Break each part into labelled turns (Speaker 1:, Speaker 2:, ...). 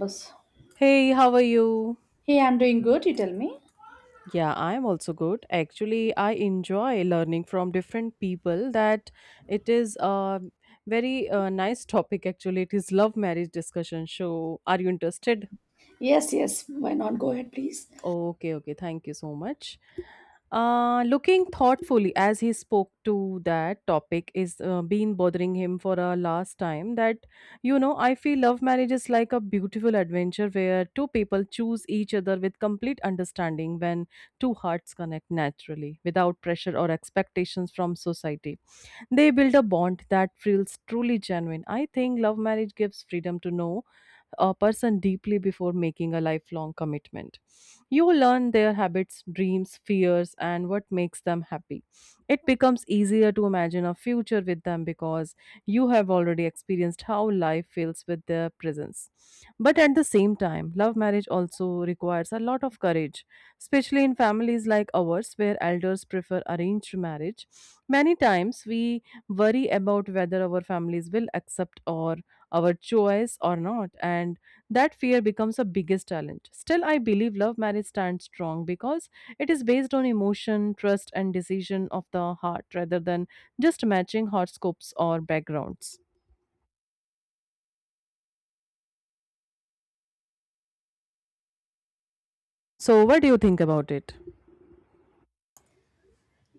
Speaker 1: Yes.
Speaker 2: Hey, how are you?
Speaker 1: Hey, I'm doing good. You tell me.
Speaker 2: Yeah, I'm also good. Actually, I enjoy learning from different people that it is a very nice topic actually. It is love marriage discussion. So, are you interested?
Speaker 1: Yes, yes. Why not? Go ahead, please.
Speaker 2: Okay, okay. Thank you so much. Looking thoughtfully as he spoke to that topic is been bothering him for a last time. That you know, I feel love marriage is like a beautiful adventure where two people choose each other with complete understanding when two hearts connect naturally without pressure or expectations from society. They build a bond that feels truly genuine. I think love marriage gives freedom to know a person deeply before making a lifelong commitment. You learn their habits, dreams, fears, and what makes them happy. It becomes easier to imagine a future with them because you have already experienced how life feels with their presence. But at the same time, love marriage also requires a lot of courage, especially in families like ours where elders prefer arranged marriage. Many times we worry about whether our families will accept or our choice or not, and that fear becomes the biggest challenge. Still, I believe love marriage stands strong because it is based on emotion, trust, and decision of the heart rather than just matching horoscopes or backgrounds. So what do you think about it?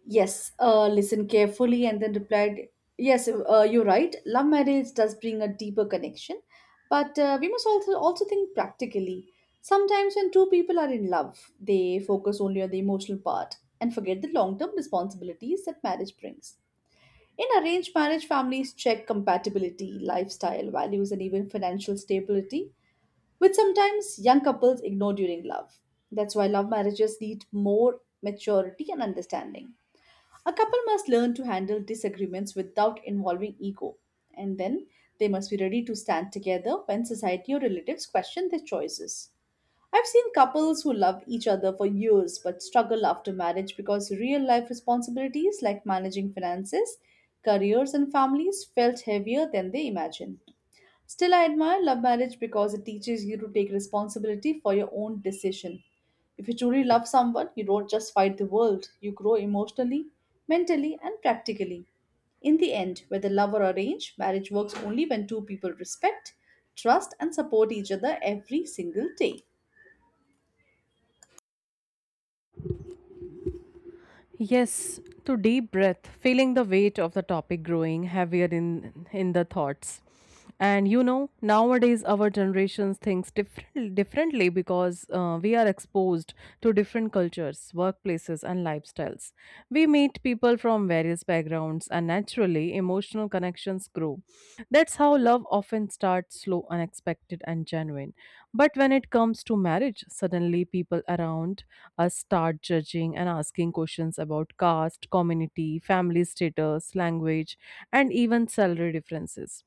Speaker 1: Yes. Listen carefully and then replied, yes, you're right. Love marriage does bring a deeper connection, but we must also think practically. Sometimes when two people are in love, they focus only on the emotional part and forget the long-term responsibilities that marriage brings. In arranged marriage, families check compatibility, lifestyle, values, and even financial stability which sometimes young couples ignore during love. That's why love marriages need more maturity and understanding. A couple must learn to handle disagreements without involving ego, and then they must be ready to stand together when society or relatives question their choices. I've seen couples who love each other for years but struggle after marriage because real life responsibilities like managing finances, careers, and families felt heavier than they imagined. Still, I admire love marriage because it teaches you to take responsibility for your own decision. If you truly love someone, you don't just fight the world, you grow emotionally, mentally, and practically. In the end, whether love or arrange, marriage works only when two people respect, trust, and support each other every single day.
Speaker 2: Yes, to deep breath, feeling the weight of the topic growing heavier in the thoughts. And you know, nowadays our generations thinks differently because we are exposed to different cultures, workplaces, and lifestyles. We meet people from various backgrounds, and naturally, emotional connections grow. That's how love often starts slow, unexpected, and genuine. But when it comes to marriage, suddenly people around us start judging and asking questions about caste, community, family status, language, and even salary differences.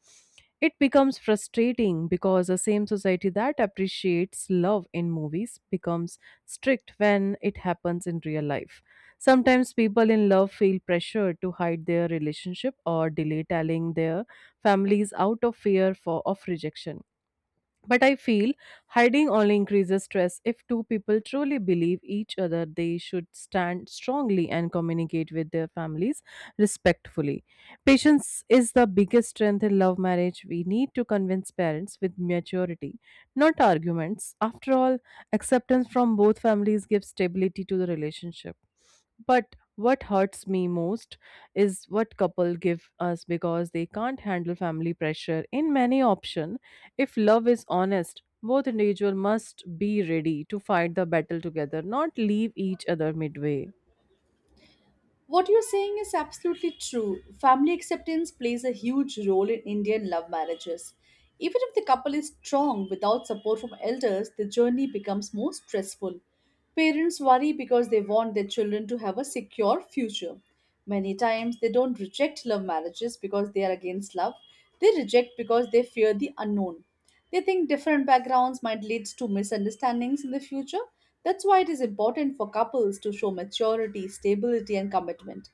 Speaker 2: It becomes frustrating because the same society that appreciates love in movies becomes strict when it happens in real life. Sometimes people in love feel pressured to hide their relationship or delay telling their families out of fear for of rejection, but I feel hiding only increases stress. If two people truly believe each other, they should stand strongly and communicate with their families respectfully. Patience is the biggest strength in love marriage. We need to convince parents with maturity, not arguments. After all, acceptance from both families gives stability to the relationship. But what hurts me most is what couple give us because they can't handle family pressure in many option. If love is honest, both individuals must be ready to fight the battle together, not leave each other midway.
Speaker 1: What you're saying is absolutely true. Family acceptance plays a huge role in Indian love marriages. Even if the couple is strong without support from elders, the journey becomes more stressful. Parents worry because they want their children to have a secure future. Many times, they don't reject love marriages because they are against love, they reject because they fear the unknown. They think different backgrounds might lead to misunderstandings in the future. That's why it is important for couples to show maturity, stability, and commitment.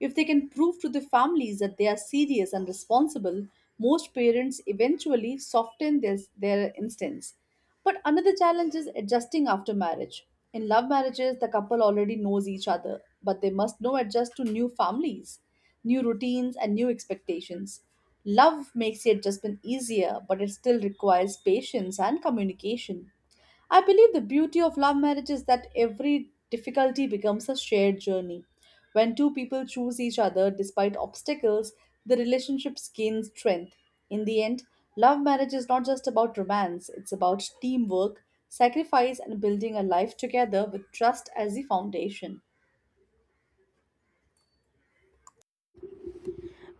Speaker 1: If they can prove to the families that they are serious and responsible, most parents eventually soften their instincts. But another challenge is adjusting after marriage. In love marriages, the couple already knows each other, but they must now adjust to new families, new routines, and new expectations. Love makes the adjustment easier, but it still requires patience and communication. I believe the beauty of love marriage is that every difficulty becomes a shared journey. When two people choose each other despite obstacles, the relationship gains strength. In the end, love marriage is not just about romance, it's about teamwork, sacrifice, and building a life together with trust as the foundation.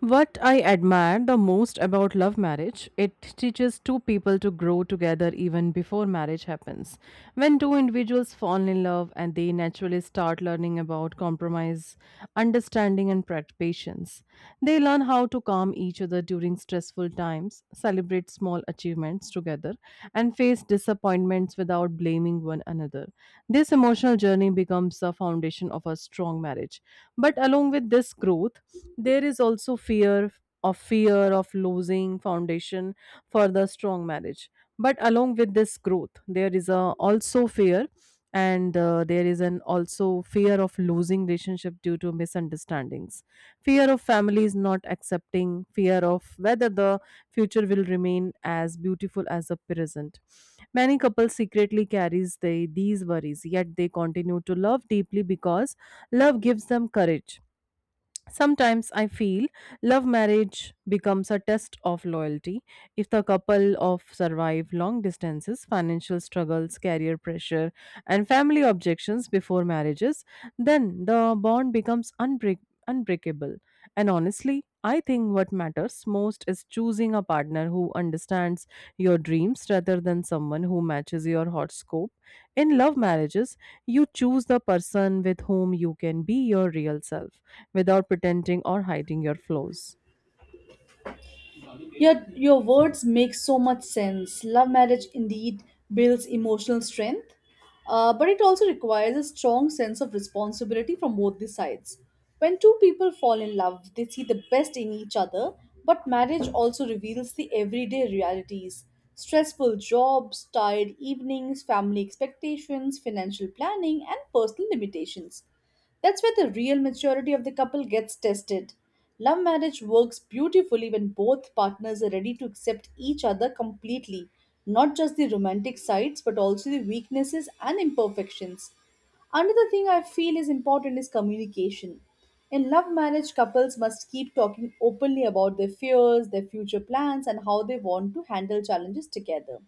Speaker 2: What I admire the most about love marriage, it teaches two people to grow together even before marriage happens. When two individuals fall in love and they naturally start learning about compromise, understanding and patience, they learn how to calm each other during stressful times, celebrate small achievements together, and face disappointments difference without blaming one another. This emotional journey becomes the foundation of a strong marriage. But along with this growth, there is also fear of losing foundation for the strong marriage. But along with this growth, there is a also fear, and there is an also fear of losing relationship due to misunderstandings, fear of families not accepting, fear of whether the future will remain as beautiful as the present. Many couples secretly carries these worries, yet they continue to love deeply because love gives them courage. Sometimes I feel love marriage becomes a test of loyalty. If the couple of survive long distances, financial struggles, career pressure, and family objections before marriages, then the bond becomes unbreakable. And honestly, I think what matters most is choosing a partner who understands your dreams rather than someone who matches your horoscope. In love marriages, you choose the person with whom you can be your real self without pretending or hiding your flaws.
Speaker 1: Your words make so much sense. Love marriage indeed builds emotional strength, but it also requires a strong sense of responsibility from both the sides. When two people fall in love, they see the best in each other, but marriage also reveals the everyday realities stressful jobs, tired evenings, family expectations, financial planning, and personal limitations. That's where the real maturity of the couple gets tested. Love marriage works beautifully when both partners are ready to accept each other completely, not just the romantic sides, but also the weaknesses and imperfections. Another thing I feel is important is communication. In love marriage, couples must keep talking openly about their fears, their future plans, and how they want to handle challenges together.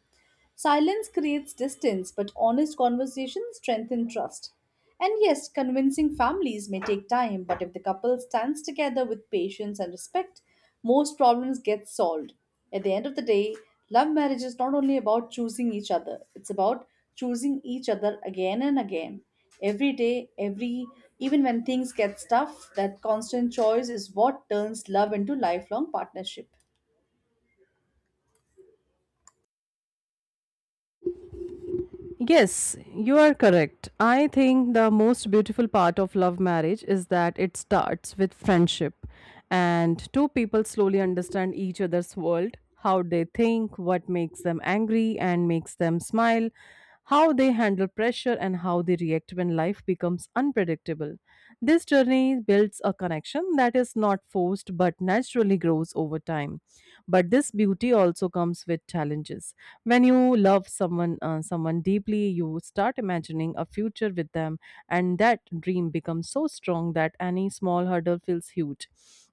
Speaker 1: Silence creates distance, but honest conversation strengthens trust. And yes, convincing families may take time, but if the couple stands together with patience and respect, most problems get solved. At the end of the day, love marriage is not only about choosing each other, it's about choosing each other again and again. Every day, every even when things get tough, that constant choice is what turns love into lifelong partnership.
Speaker 2: Yes, you are correct. I think the most beautiful part of love marriage is that it starts with friendship and two people slowly understand each other's world, how they think, what makes them angry and makes them smile, how they handle pressure and how they react when life becomes unpredictable. This journey builds a connection that is not forced but naturally grows over time. But this beauty also comes with challenges. When you love someone deeply, you start imagining a future with them, and that dream becomes so strong that any small hurdle feels huge.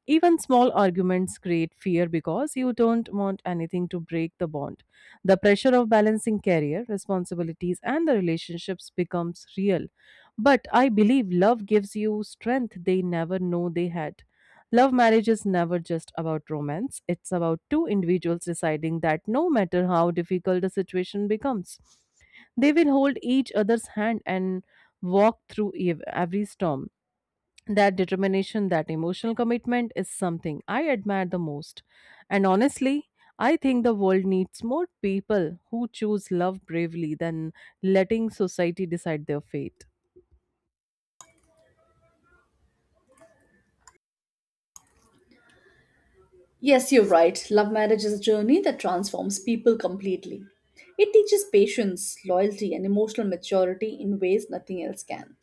Speaker 2: Even small arguments create fear because you don't want anything to break the bond. The pressure of balancing career, responsibilities, and the relationships becomes real. But I believe love gives you strength they never know they had. Love marriage is never just about romance, it's about two individuals deciding that no matter how difficult the situation becomes, they will hold each other's hand and walk through every storm. That determination, that emotional commitment is something I admire the most. And honestly, I think the world needs more people who choose love bravely than letting society decide their fate.
Speaker 1: Yes, you're right. Love marriage is a journey that transforms people completely. It teaches patience, loyalty, and emotional maturity in ways nothing else can.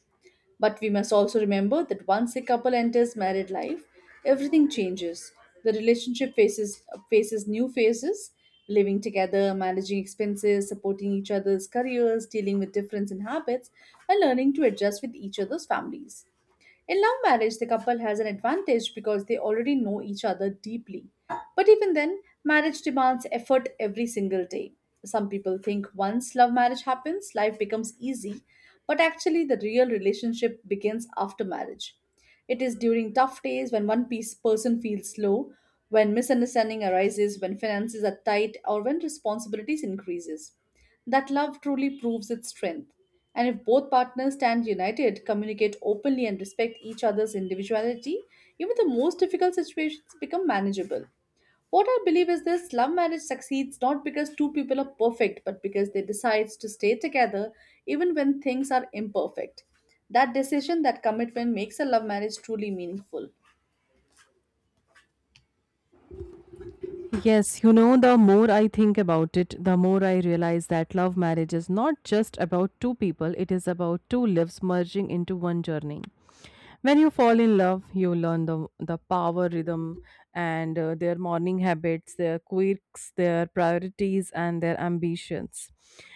Speaker 1: But we must also remember that once a couple enters married life, everything changes. The relationship faces new phases, living together, managing expenses, supporting each other's careers, dealing with difference in habits, and learning to adjust with each other's families. In love marriage, the couple has an advantage because they already know each other deeply. But even then, marriage demands effort every single day. Some people think once love marriage happens, life becomes easy, but actually, the real relationship begins after marriage. It is during tough days when one piece person feels low, when misunderstanding arises, when finances are tight, or when responsibilities increases. That love truly proves its strength. And if both partners stand united, communicate openly, and respect each other's individuality, even the most difficult situations become manageable. What I believe is this love marriage succeeds not because two people are perfect, but because they decide to stay together even when things are imperfect. That decision, that commitment makes a love marriage truly meaningful.
Speaker 2: Yes, you know, the more I think about it, the more I realize that love marriage is not just about two people, it is about two lives merging into one journey. When you fall in love, you learn the power rhythm and their morning habits, their quirks, their priorities, and their ambitions.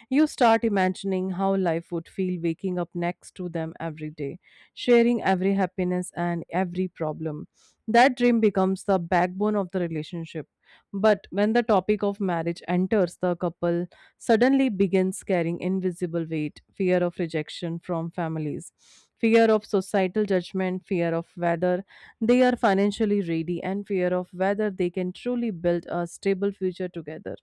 Speaker 2: You start imagining how life would feel waking up next to them every day, sharing every happiness and every problem. That dream becomes the backbone of the relationship. But when the topic of marriage enters, the couple suddenly begins carrying invisible weight, fear of rejection from families, fear of societal judgment, fear of whether they are financially ready, and fear of whether they can truly build a stable future together.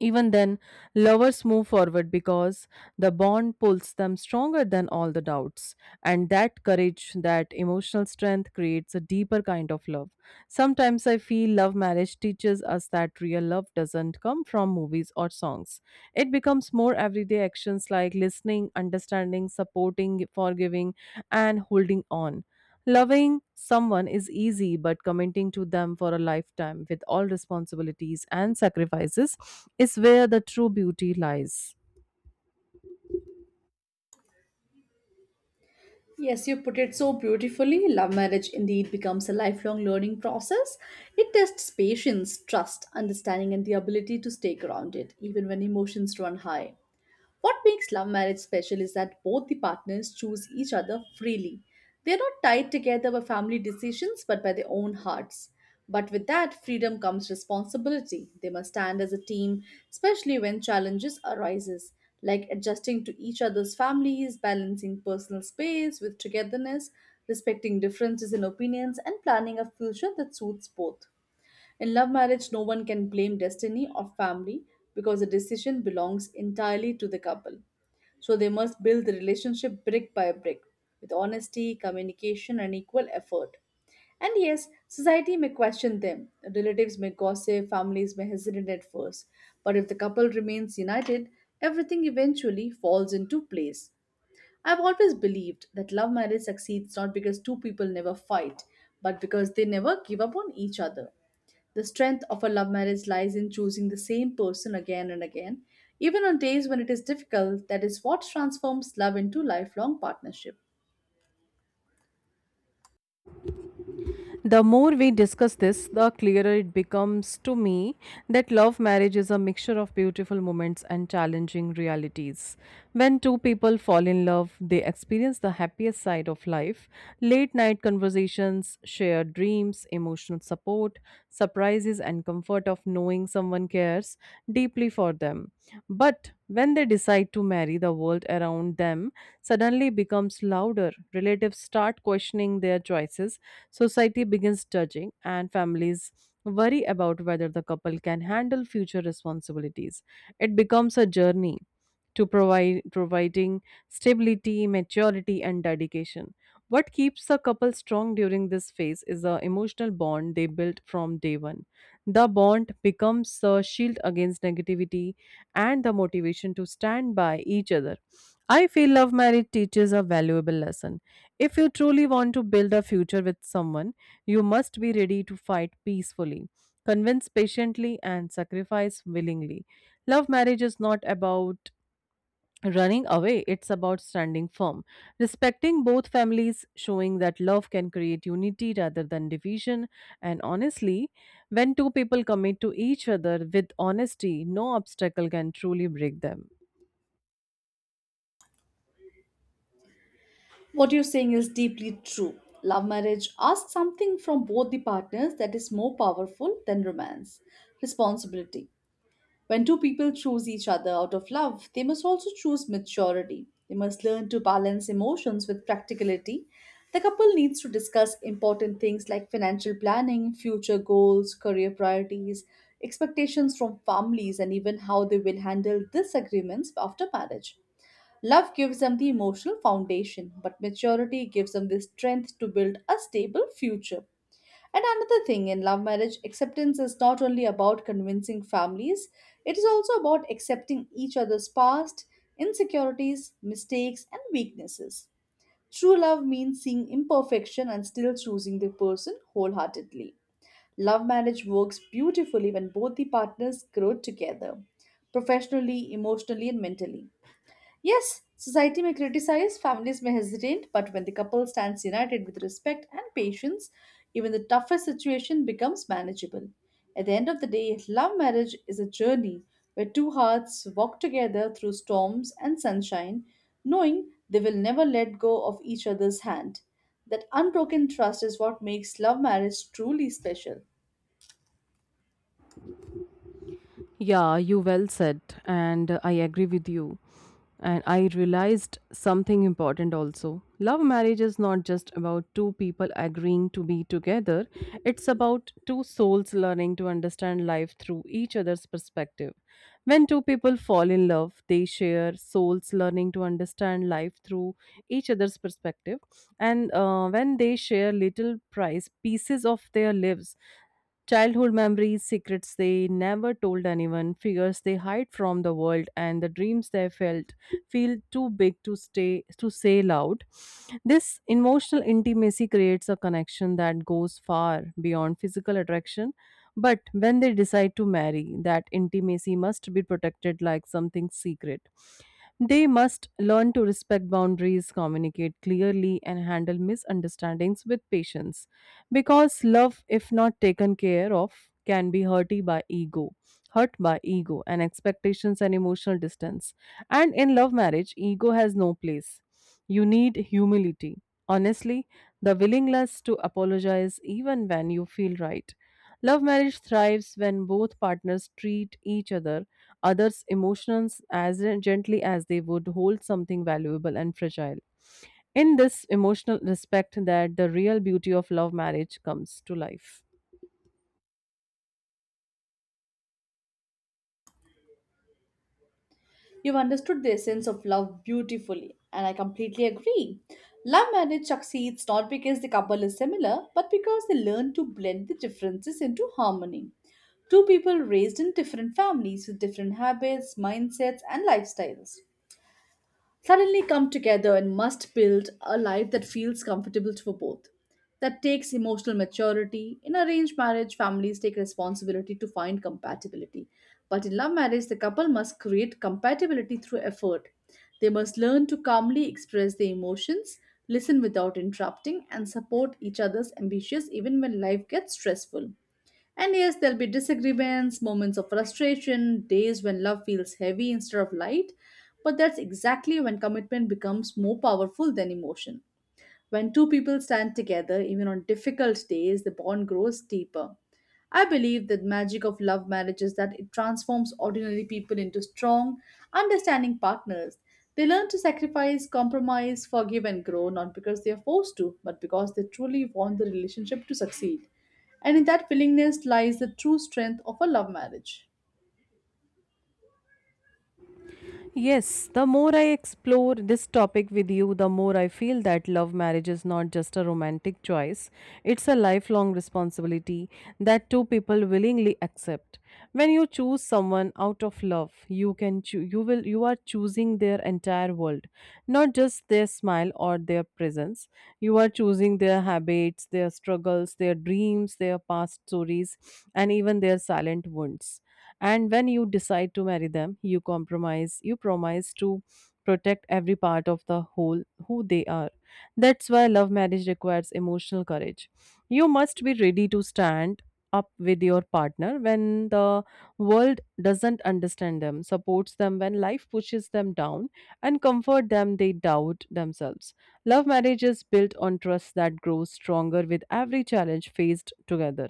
Speaker 2: Even then, lovers move forward because the bond pulls them stronger than all the doubts. And that courage, that emotional strength creates a deeper kind of love. Sometimes I feel love marriage teaches us that real love doesn't come from movies or songs. It becomes more everyday actions like listening, understanding, supporting, forgiving, and holding on. Loving someone is easy, but committing to them for a lifetime with all responsibilities and sacrifices is where the true beauty lies.
Speaker 1: Yes, you put it so beautifully. Love marriage indeed becomes a lifelong learning process. It tests patience, trust, understanding, and the ability to stay grounded, even when emotions run high. What makes love marriage special is that both the partners choose each other freely. They are not tied together by family decisions but by their own hearts. But with that freedom comes responsibility. They must stand as a team, especially when challenges arises, like adjusting to each other's families, balancing personal space with togetherness, respecting differences in opinions and planning a future that suits both. In love marriage, no one can blame destiny or family because the decision belongs entirely to the couple. So they must build the relationship brick by brick with honesty, communication, and equal effort. And yes, society may question them. Relatives may gossip, families may hesitate at first. But if the couple remains united, everything eventually falls into place. I've always believed that love marriage succeeds not because two people never fight, but because they never give up on each other. The strength of a love marriage lies in choosing the same person again and again, even on days when it is difficult. That is what transforms love into lifelong partnership.
Speaker 2: The more we discuss this, the clearer it becomes to me that love marriage is a mixture of beautiful moments and challenging realities. When two people fall in love, they experience the happiest side of life, late night conversations, shared dreams, emotional support, surprises, and comfort of knowing someone cares deeply for them. But when they decide to marry, the world around them suddenly becomes louder. Relatives start questioning their choices. Society begins judging, and families worry about whether the couple can handle future responsibilities. It becomes a journey to provide providing stability, maturity, and dedication. What keeps a couple strong during this phase is the emotional bond they built from day one. The bond becomes a shield against negativity and the motivation to stand by each other. I feel love marriage teaches a valuable lesson. If you truly want to build a future with someone, you must be ready to fight peacefully, convince patiently, and sacrifice willingly. Love marriage is not about running away, it's about standing firm, respecting both families, showing that love can create unity rather than division. And honestly, when two people commit to each other with honesty, no obstacle can truly break them.
Speaker 1: What you're saying is deeply true. Love marriage asks something from both the partners that is more powerful than romance responsibility. When two people choose each other out of love, they must also choose maturity. They must learn to balance emotions with practicality. The couple needs to discuss important things like financial planning, future goals, career priorities, expectations from families, and even how they will handle disagreements after marriage. Love gives them the emotional foundation, but maturity gives them the strength to build a stable future. And another thing in love marriage, acceptance is not only about convincing families, it is also about accepting each other's past, insecurities, mistakes, and weaknesses. True love means seeing imperfection and still choosing the person wholeheartedly. Love marriage works beautifully when both the partners grow together, professionally, emotionally, and mentally. Yes, society may criticize, families may hesitate, but when the couple stands united with respect and patience, even the toughest situation becomes manageable. At the end of the day, love marriage is a journey where two hearts walk together through storms and sunshine, knowing they will never let go of each other's hand. That unbroken trust is what makes love marriage truly special.
Speaker 2: Yeah, you well said, and I agree with you. And I realized something important also. Love marriage is not just about two people agreeing to be together, it's about two souls learning to understand life through each other's perspective. When two people fall in love, they share souls learning to understand life through each other's perspective. And when they share little price pieces of their lives, childhood memories, secrets they never told anyone, figures they hide from the world, and the dreams they felt feel too big to stay to say loud. This emotional intimacy creates a connection that goes far beyond physical attraction. But when they decide to marry, that intimacy must be protected like something secret. They must learn to respect boundaries, communicate clearly, and handle misunderstandings with patience. Because love, if not taken care of, can be hurt by ego and expectations and emotional distance. And in love marriage, ego has no place. You need humility. Honestly, the willingness to apologize even when you feel right. Love marriage thrives when both partners treat each other others' emotions as gently as they would hold something valuable and fragile. In this emotional respect, that the real beauty of love marriage comes to life.
Speaker 1: You've understood the essence of love beautifully, and I completely agree. Love marriage succeeds not because the couple is similar, but because they learn to blend the differences into harmony. Two people raised in different families with different habits, mindsets, and lifestyles suddenly come together and must build a life that feels comfortable for both. That takes emotional maturity. In arranged marriage, families take responsibility to find compatibility. But in love marriage, the couple must create compatibility through effort. They must learn to calmly express their emotions, listen without interrupting, and support each other's ambitions even when life gets stressful. And yes, there'll be disagreements, moments of frustration, days when love feels heavy instead of light. But that's exactly when commitment becomes more powerful than emotion. When two people stand together, even on difficult days, the bond grows deeper. I believe that magic of love marriage is that it transforms ordinary people into strong, understanding partners. They learn to sacrifice, compromise, forgive, and grow, not because they are forced to, but because they truly want the relationship to succeed. And in that willingness lies the true strength of a love marriage.
Speaker 2: Yes, the more I explore this topic with you, the more I feel that love marriage is not just a romantic choice, it's a lifelong responsibility that two people willingly accept. When you choose someone out of love, you can choo- you will you are choosing their entire world, not just their smile or their presence. You are choosing their habits, their struggles, their dreams, their past stories, and even their silent wounds. And when you decide to marry them, you compromise, you promise to protect every part of the whole who they are. That's why love marriage requires emotional courage. You must be ready to stand up with your partner when the world doesn't understand them, supports them when life pushes them down, and comfort them they doubt themselves. Love marriage is built on trust that grows stronger with every challenge faced together.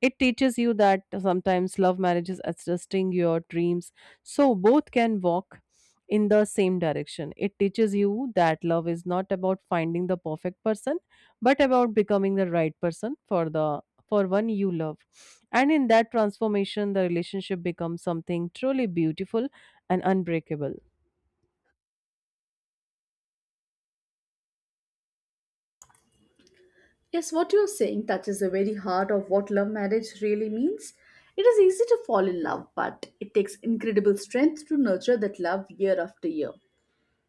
Speaker 2: It teaches you that sometimes love marriage is adjusting your dreams so both can walk in the same direction. It teaches you that love is not about finding the perfect person but about becoming the right person for the for one you love. And in that transformation the relationship becomes something truly beautiful and unbreakable.
Speaker 1: Yes, what you're saying touches the very heart of what love marriage really means. It is easy to fall in love, but it takes incredible strength to nurture that love year after year.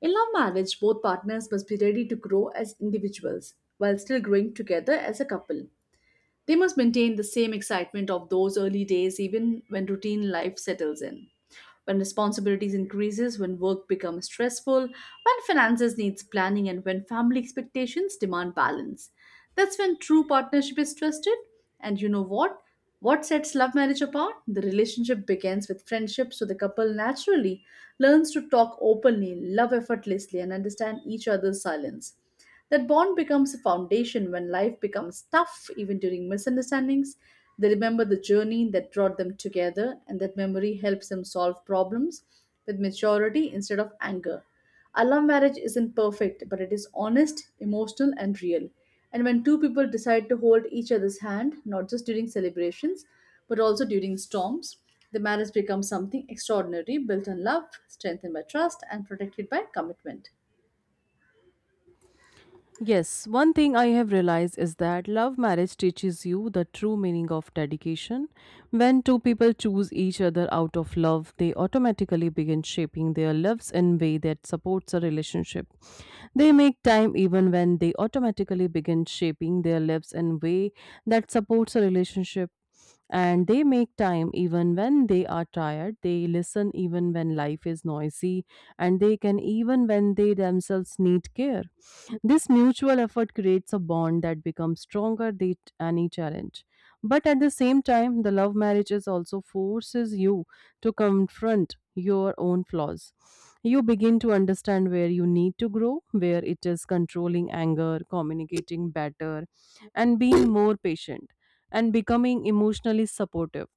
Speaker 1: In love marriage, both partners must be ready to grow as individuals while still growing together as a couple. They must maintain the same excitement of those early days even when routine life settles in. When responsibilities increases, when work becomes stressful, when finances needs planning and when family expectations demand balance. That's when true partnership is trusted. And you know what? What sets love marriage apart? The relationship begins with friendship, so the couple naturally learns to talk openly, love effortlessly, and understand each other's silence. That bond becomes a foundation when life becomes tough, even during misunderstandings. They remember the journey that brought them together, and that memory helps them solve problems with maturity instead of anger. A love marriage isn't perfect, but it is honest, emotional, and real. And when two people decide to hold each other's hand, not just during celebrations, but also during storms, the marriage becomes something extraordinary, built on love, strengthened by trust, and protected by commitment.
Speaker 2: Yes, one thing I have realized is that love marriage teaches you the true meaning of dedication. When two people choose each other out of love, they automatically begin shaping their lives in a way that supports a relationship. They make time even when they automatically begin shaping their lives in a way that supports a relationship. And they make time even when they are tired. They listen even when life is noisy. And they can even when they themselves need care. This mutual effort creates a bond that becomes stronger than any challenge. But at the same time, the love marriages also forces you to confront your own flaws. You begin to understand where you need to grow, where it is controlling anger, communicating better, and being more patient, and becoming emotionally supportive.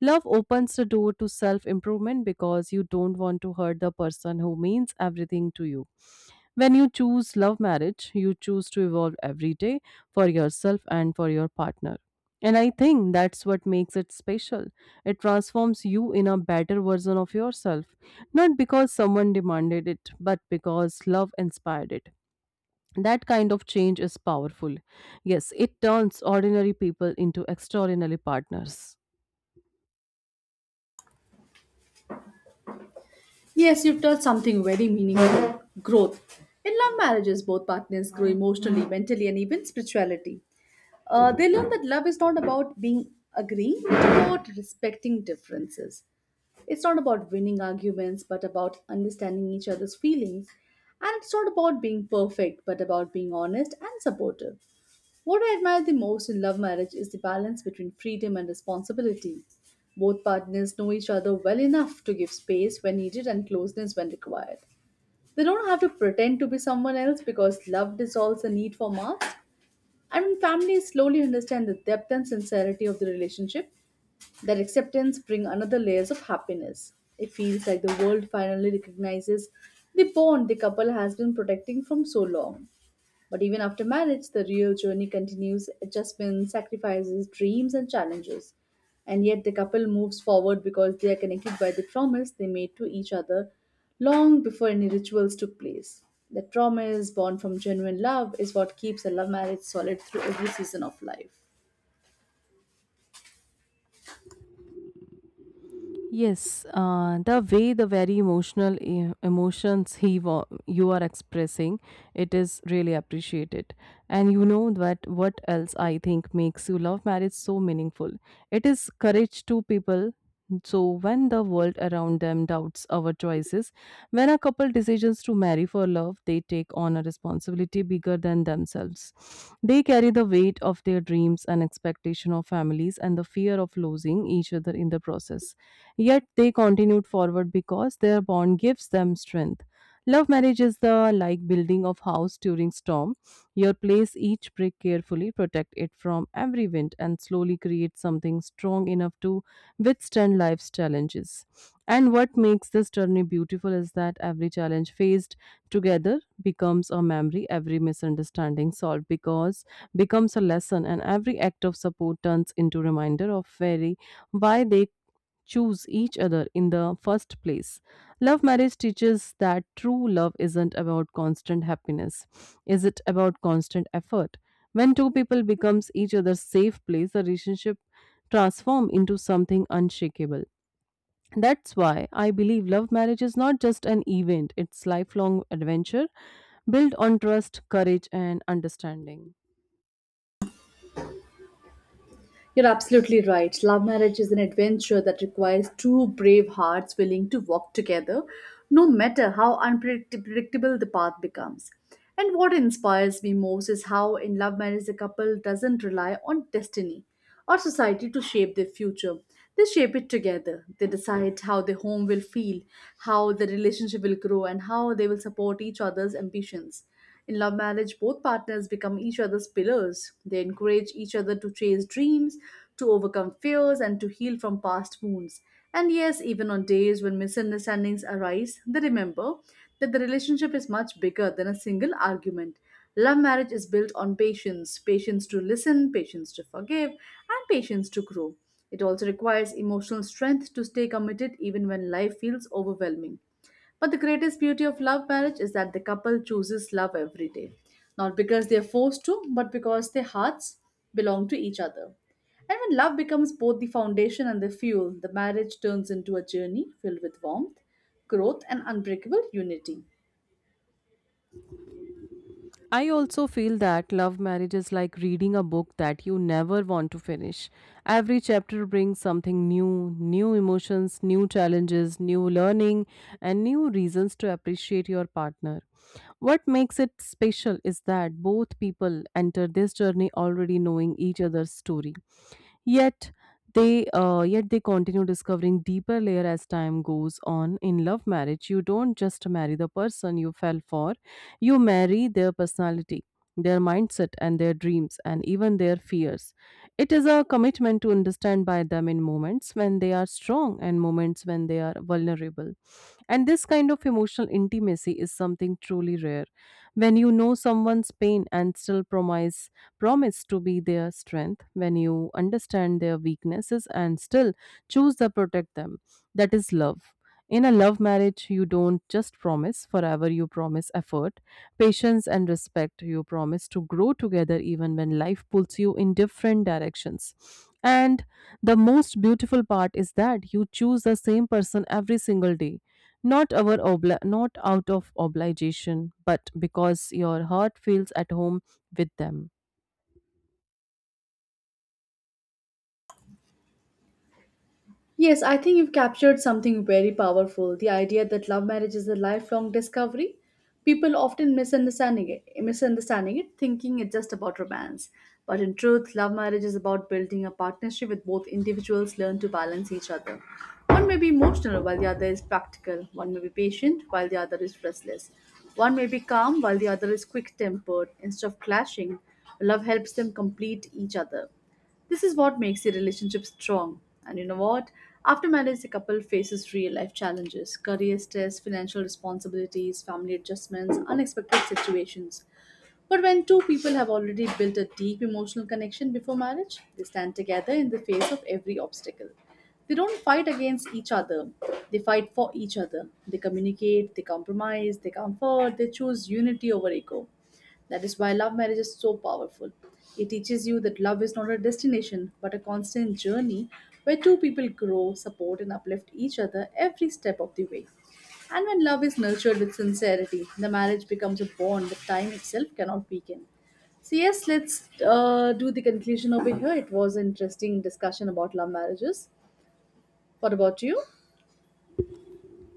Speaker 2: Love opens the door to self improvement because you don't want to hurt the person who means everything to you. When you choose love marriage, you choose to evolve every day for yourself and for your partner. And I think that's what makes it special. It transforms you in a better version of yourself, not because someone demanded it, but because love inspired it. That kind of change is powerful. Yes, it turns ordinary people into extraordinary partners.
Speaker 1: Yes, you've touched something very meaningful growth. In love marriages, both partners grow emotionally, mentally, and even spirituality. They learn that love is not about being agreeing, it's about respecting differences. It's not about winning arguments, but about understanding each other's feelings. And it's not about being perfect, but about being honest and supportive. What I admire the most in love marriage is the balance between freedom and responsibility. Both partners know each other well enough to give space when needed and closeness when required. They don't have to pretend to be someone else because love dissolves the need for masks. And when families slowly understand the depth and sincerity of the relationship, that acceptance brings another layers of happiness. It feels like the world finally recognizes the bond the couple has been protecting from so long. But even after marriage, the real journey continues adjustments, sacrifices, dreams, and challenges. And yet, the couple moves forward because they are connected by the promise they made to each other long before any rituals took place. That promise, born from genuine love, is what keeps a love marriage solid through every season of life.
Speaker 2: Yes, the way the very emotional e- emotions he wa- you are expressing, it is really appreciated. And you know that what else I think makes you love marriage so meaningful. It is courage to people. So when the world around them doubts our choices, when a couple decisions to marry for love, they take on a responsibility bigger than themselves. They carry the weight of their dreams and expectation of families and the fear of losing each other in the process. Yet they continued forward because their bond gives them strength. Love marriage is the like building of house during storm. You place each brick carefully, protect it from every wind, and slowly create something strong enough to withstand life's challenges. And what makes this journey beautiful is that every challenge faced together becomes a memory, every misunderstanding solved because becomes a lesson, and every act of support turns into reminder of very why they choose each other in the first place. Love marriage teaches that true love isn't about constant happiness. Is it about constant effort? When two people becomes each other's safe place, the relationship transform into something unshakable. That's why I believe love marriage is not just an event, it's lifelong adventure built on trust, courage and understanding.
Speaker 1: You're absolutely right. Love marriage is an adventure that requires two brave hearts willing to walk together, no matter how unpredictable the path becomes. And what inspires me most is how in love marriage the couple doesn't rely on destiny or society to shape their future. They shape it together. They decide how the home will feel, how the relationship will grow, and how they will support each other's ambitions. In love marriage, both partners become each other's pillars. They encourage each other to chase dreams, to overcome fears, and to heal from past wounds. And yes, even on days when misunderstandings arise, they remember that the relationship is much bigger than a single argument. Love marriage is built on patience patience to listen, patience to forgive, and patience to grow. It also requires emotional strength to stay committed even when life feels overwhelming. But the greatest beauty of love marriage is that the couple chooses love every day, not because they are forced to, but because their hearts belong to each other. And when love becomes both the foundation and the fuel, the marriage turns into a journey filled with warmth, growth, and unbreakable unity.
Speaker 2: I also feel that love marriage is like reading a book that you never want to finish. Every chapter brings something new, new emotions, new challenges, new learning, and new reasons to appreciate your partner. What makes it special is that both people enter this journey already knowing each other's story. Yet yet they continue discovering deeper layer as time goes on. In love marriage you don't just marry the person you fell for, you marry their personality, their mindset and their dreams and even their fears. It is a commitment to understand by them in moments when they are strong and moments when they are vulnerable. And this kind of emotional intimacy is something truly rare. When you know someone's pain and still promise to be their strength, when you understand their weaknesses and still choose to protect them. That is love. In a love marriage, you don't just promise forever, you promise effort, patience, and respect. You promise to grow together even when life pulls you in different directions. And the most beautiful part is that you choose the same person every single day, not out of obligation but because your heart feels at home with them.
Speaker 1: Yes, I think you've captured something very powerful the idea that love marriage is a lifelong discovery. People often misunderstanding it, thinking it's just about romance. But in truth, love marriage is about building a partnership with both individuals learn to balance each other. One may be emotional while the other is practical. One may be patient while the other is restless. One may be calm while the other is quick tempered. Instead of clashing, love helps them complete each other. This is what makes the relationship strong. And you know what? After marriage, the couple faces real life challenges career stress, financial responsibilities, family adjustments, unexpected situations. But when two people have already built a deep emotional connection before marriage, they stand together in the face of every obstacle. They don't fight against each other, they fight for each other. They communicate, they compromise, they comfort, they choose unity over ego. That is why love marriage is so powerful. It teaches you that love is not a destination but a constant journey where two people grow, support, and uplift each other every step of the way. And when love is nurtured with sincerity, the marriage becomes a bond that time itself cannot weaken. So, yes, let's do the conclusion over here. It was an interesting discussion about love marriages. What about you?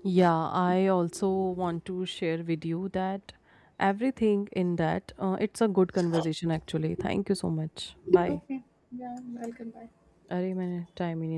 Speaker 2: Yeah, I also want to share with you that everything in that it's a good conversation actually. Thank you so much. Bye.
Speaker 1: Okay. Yeah, welcome. Bye.
Speaker 2: अरे मैंने time ही नहीं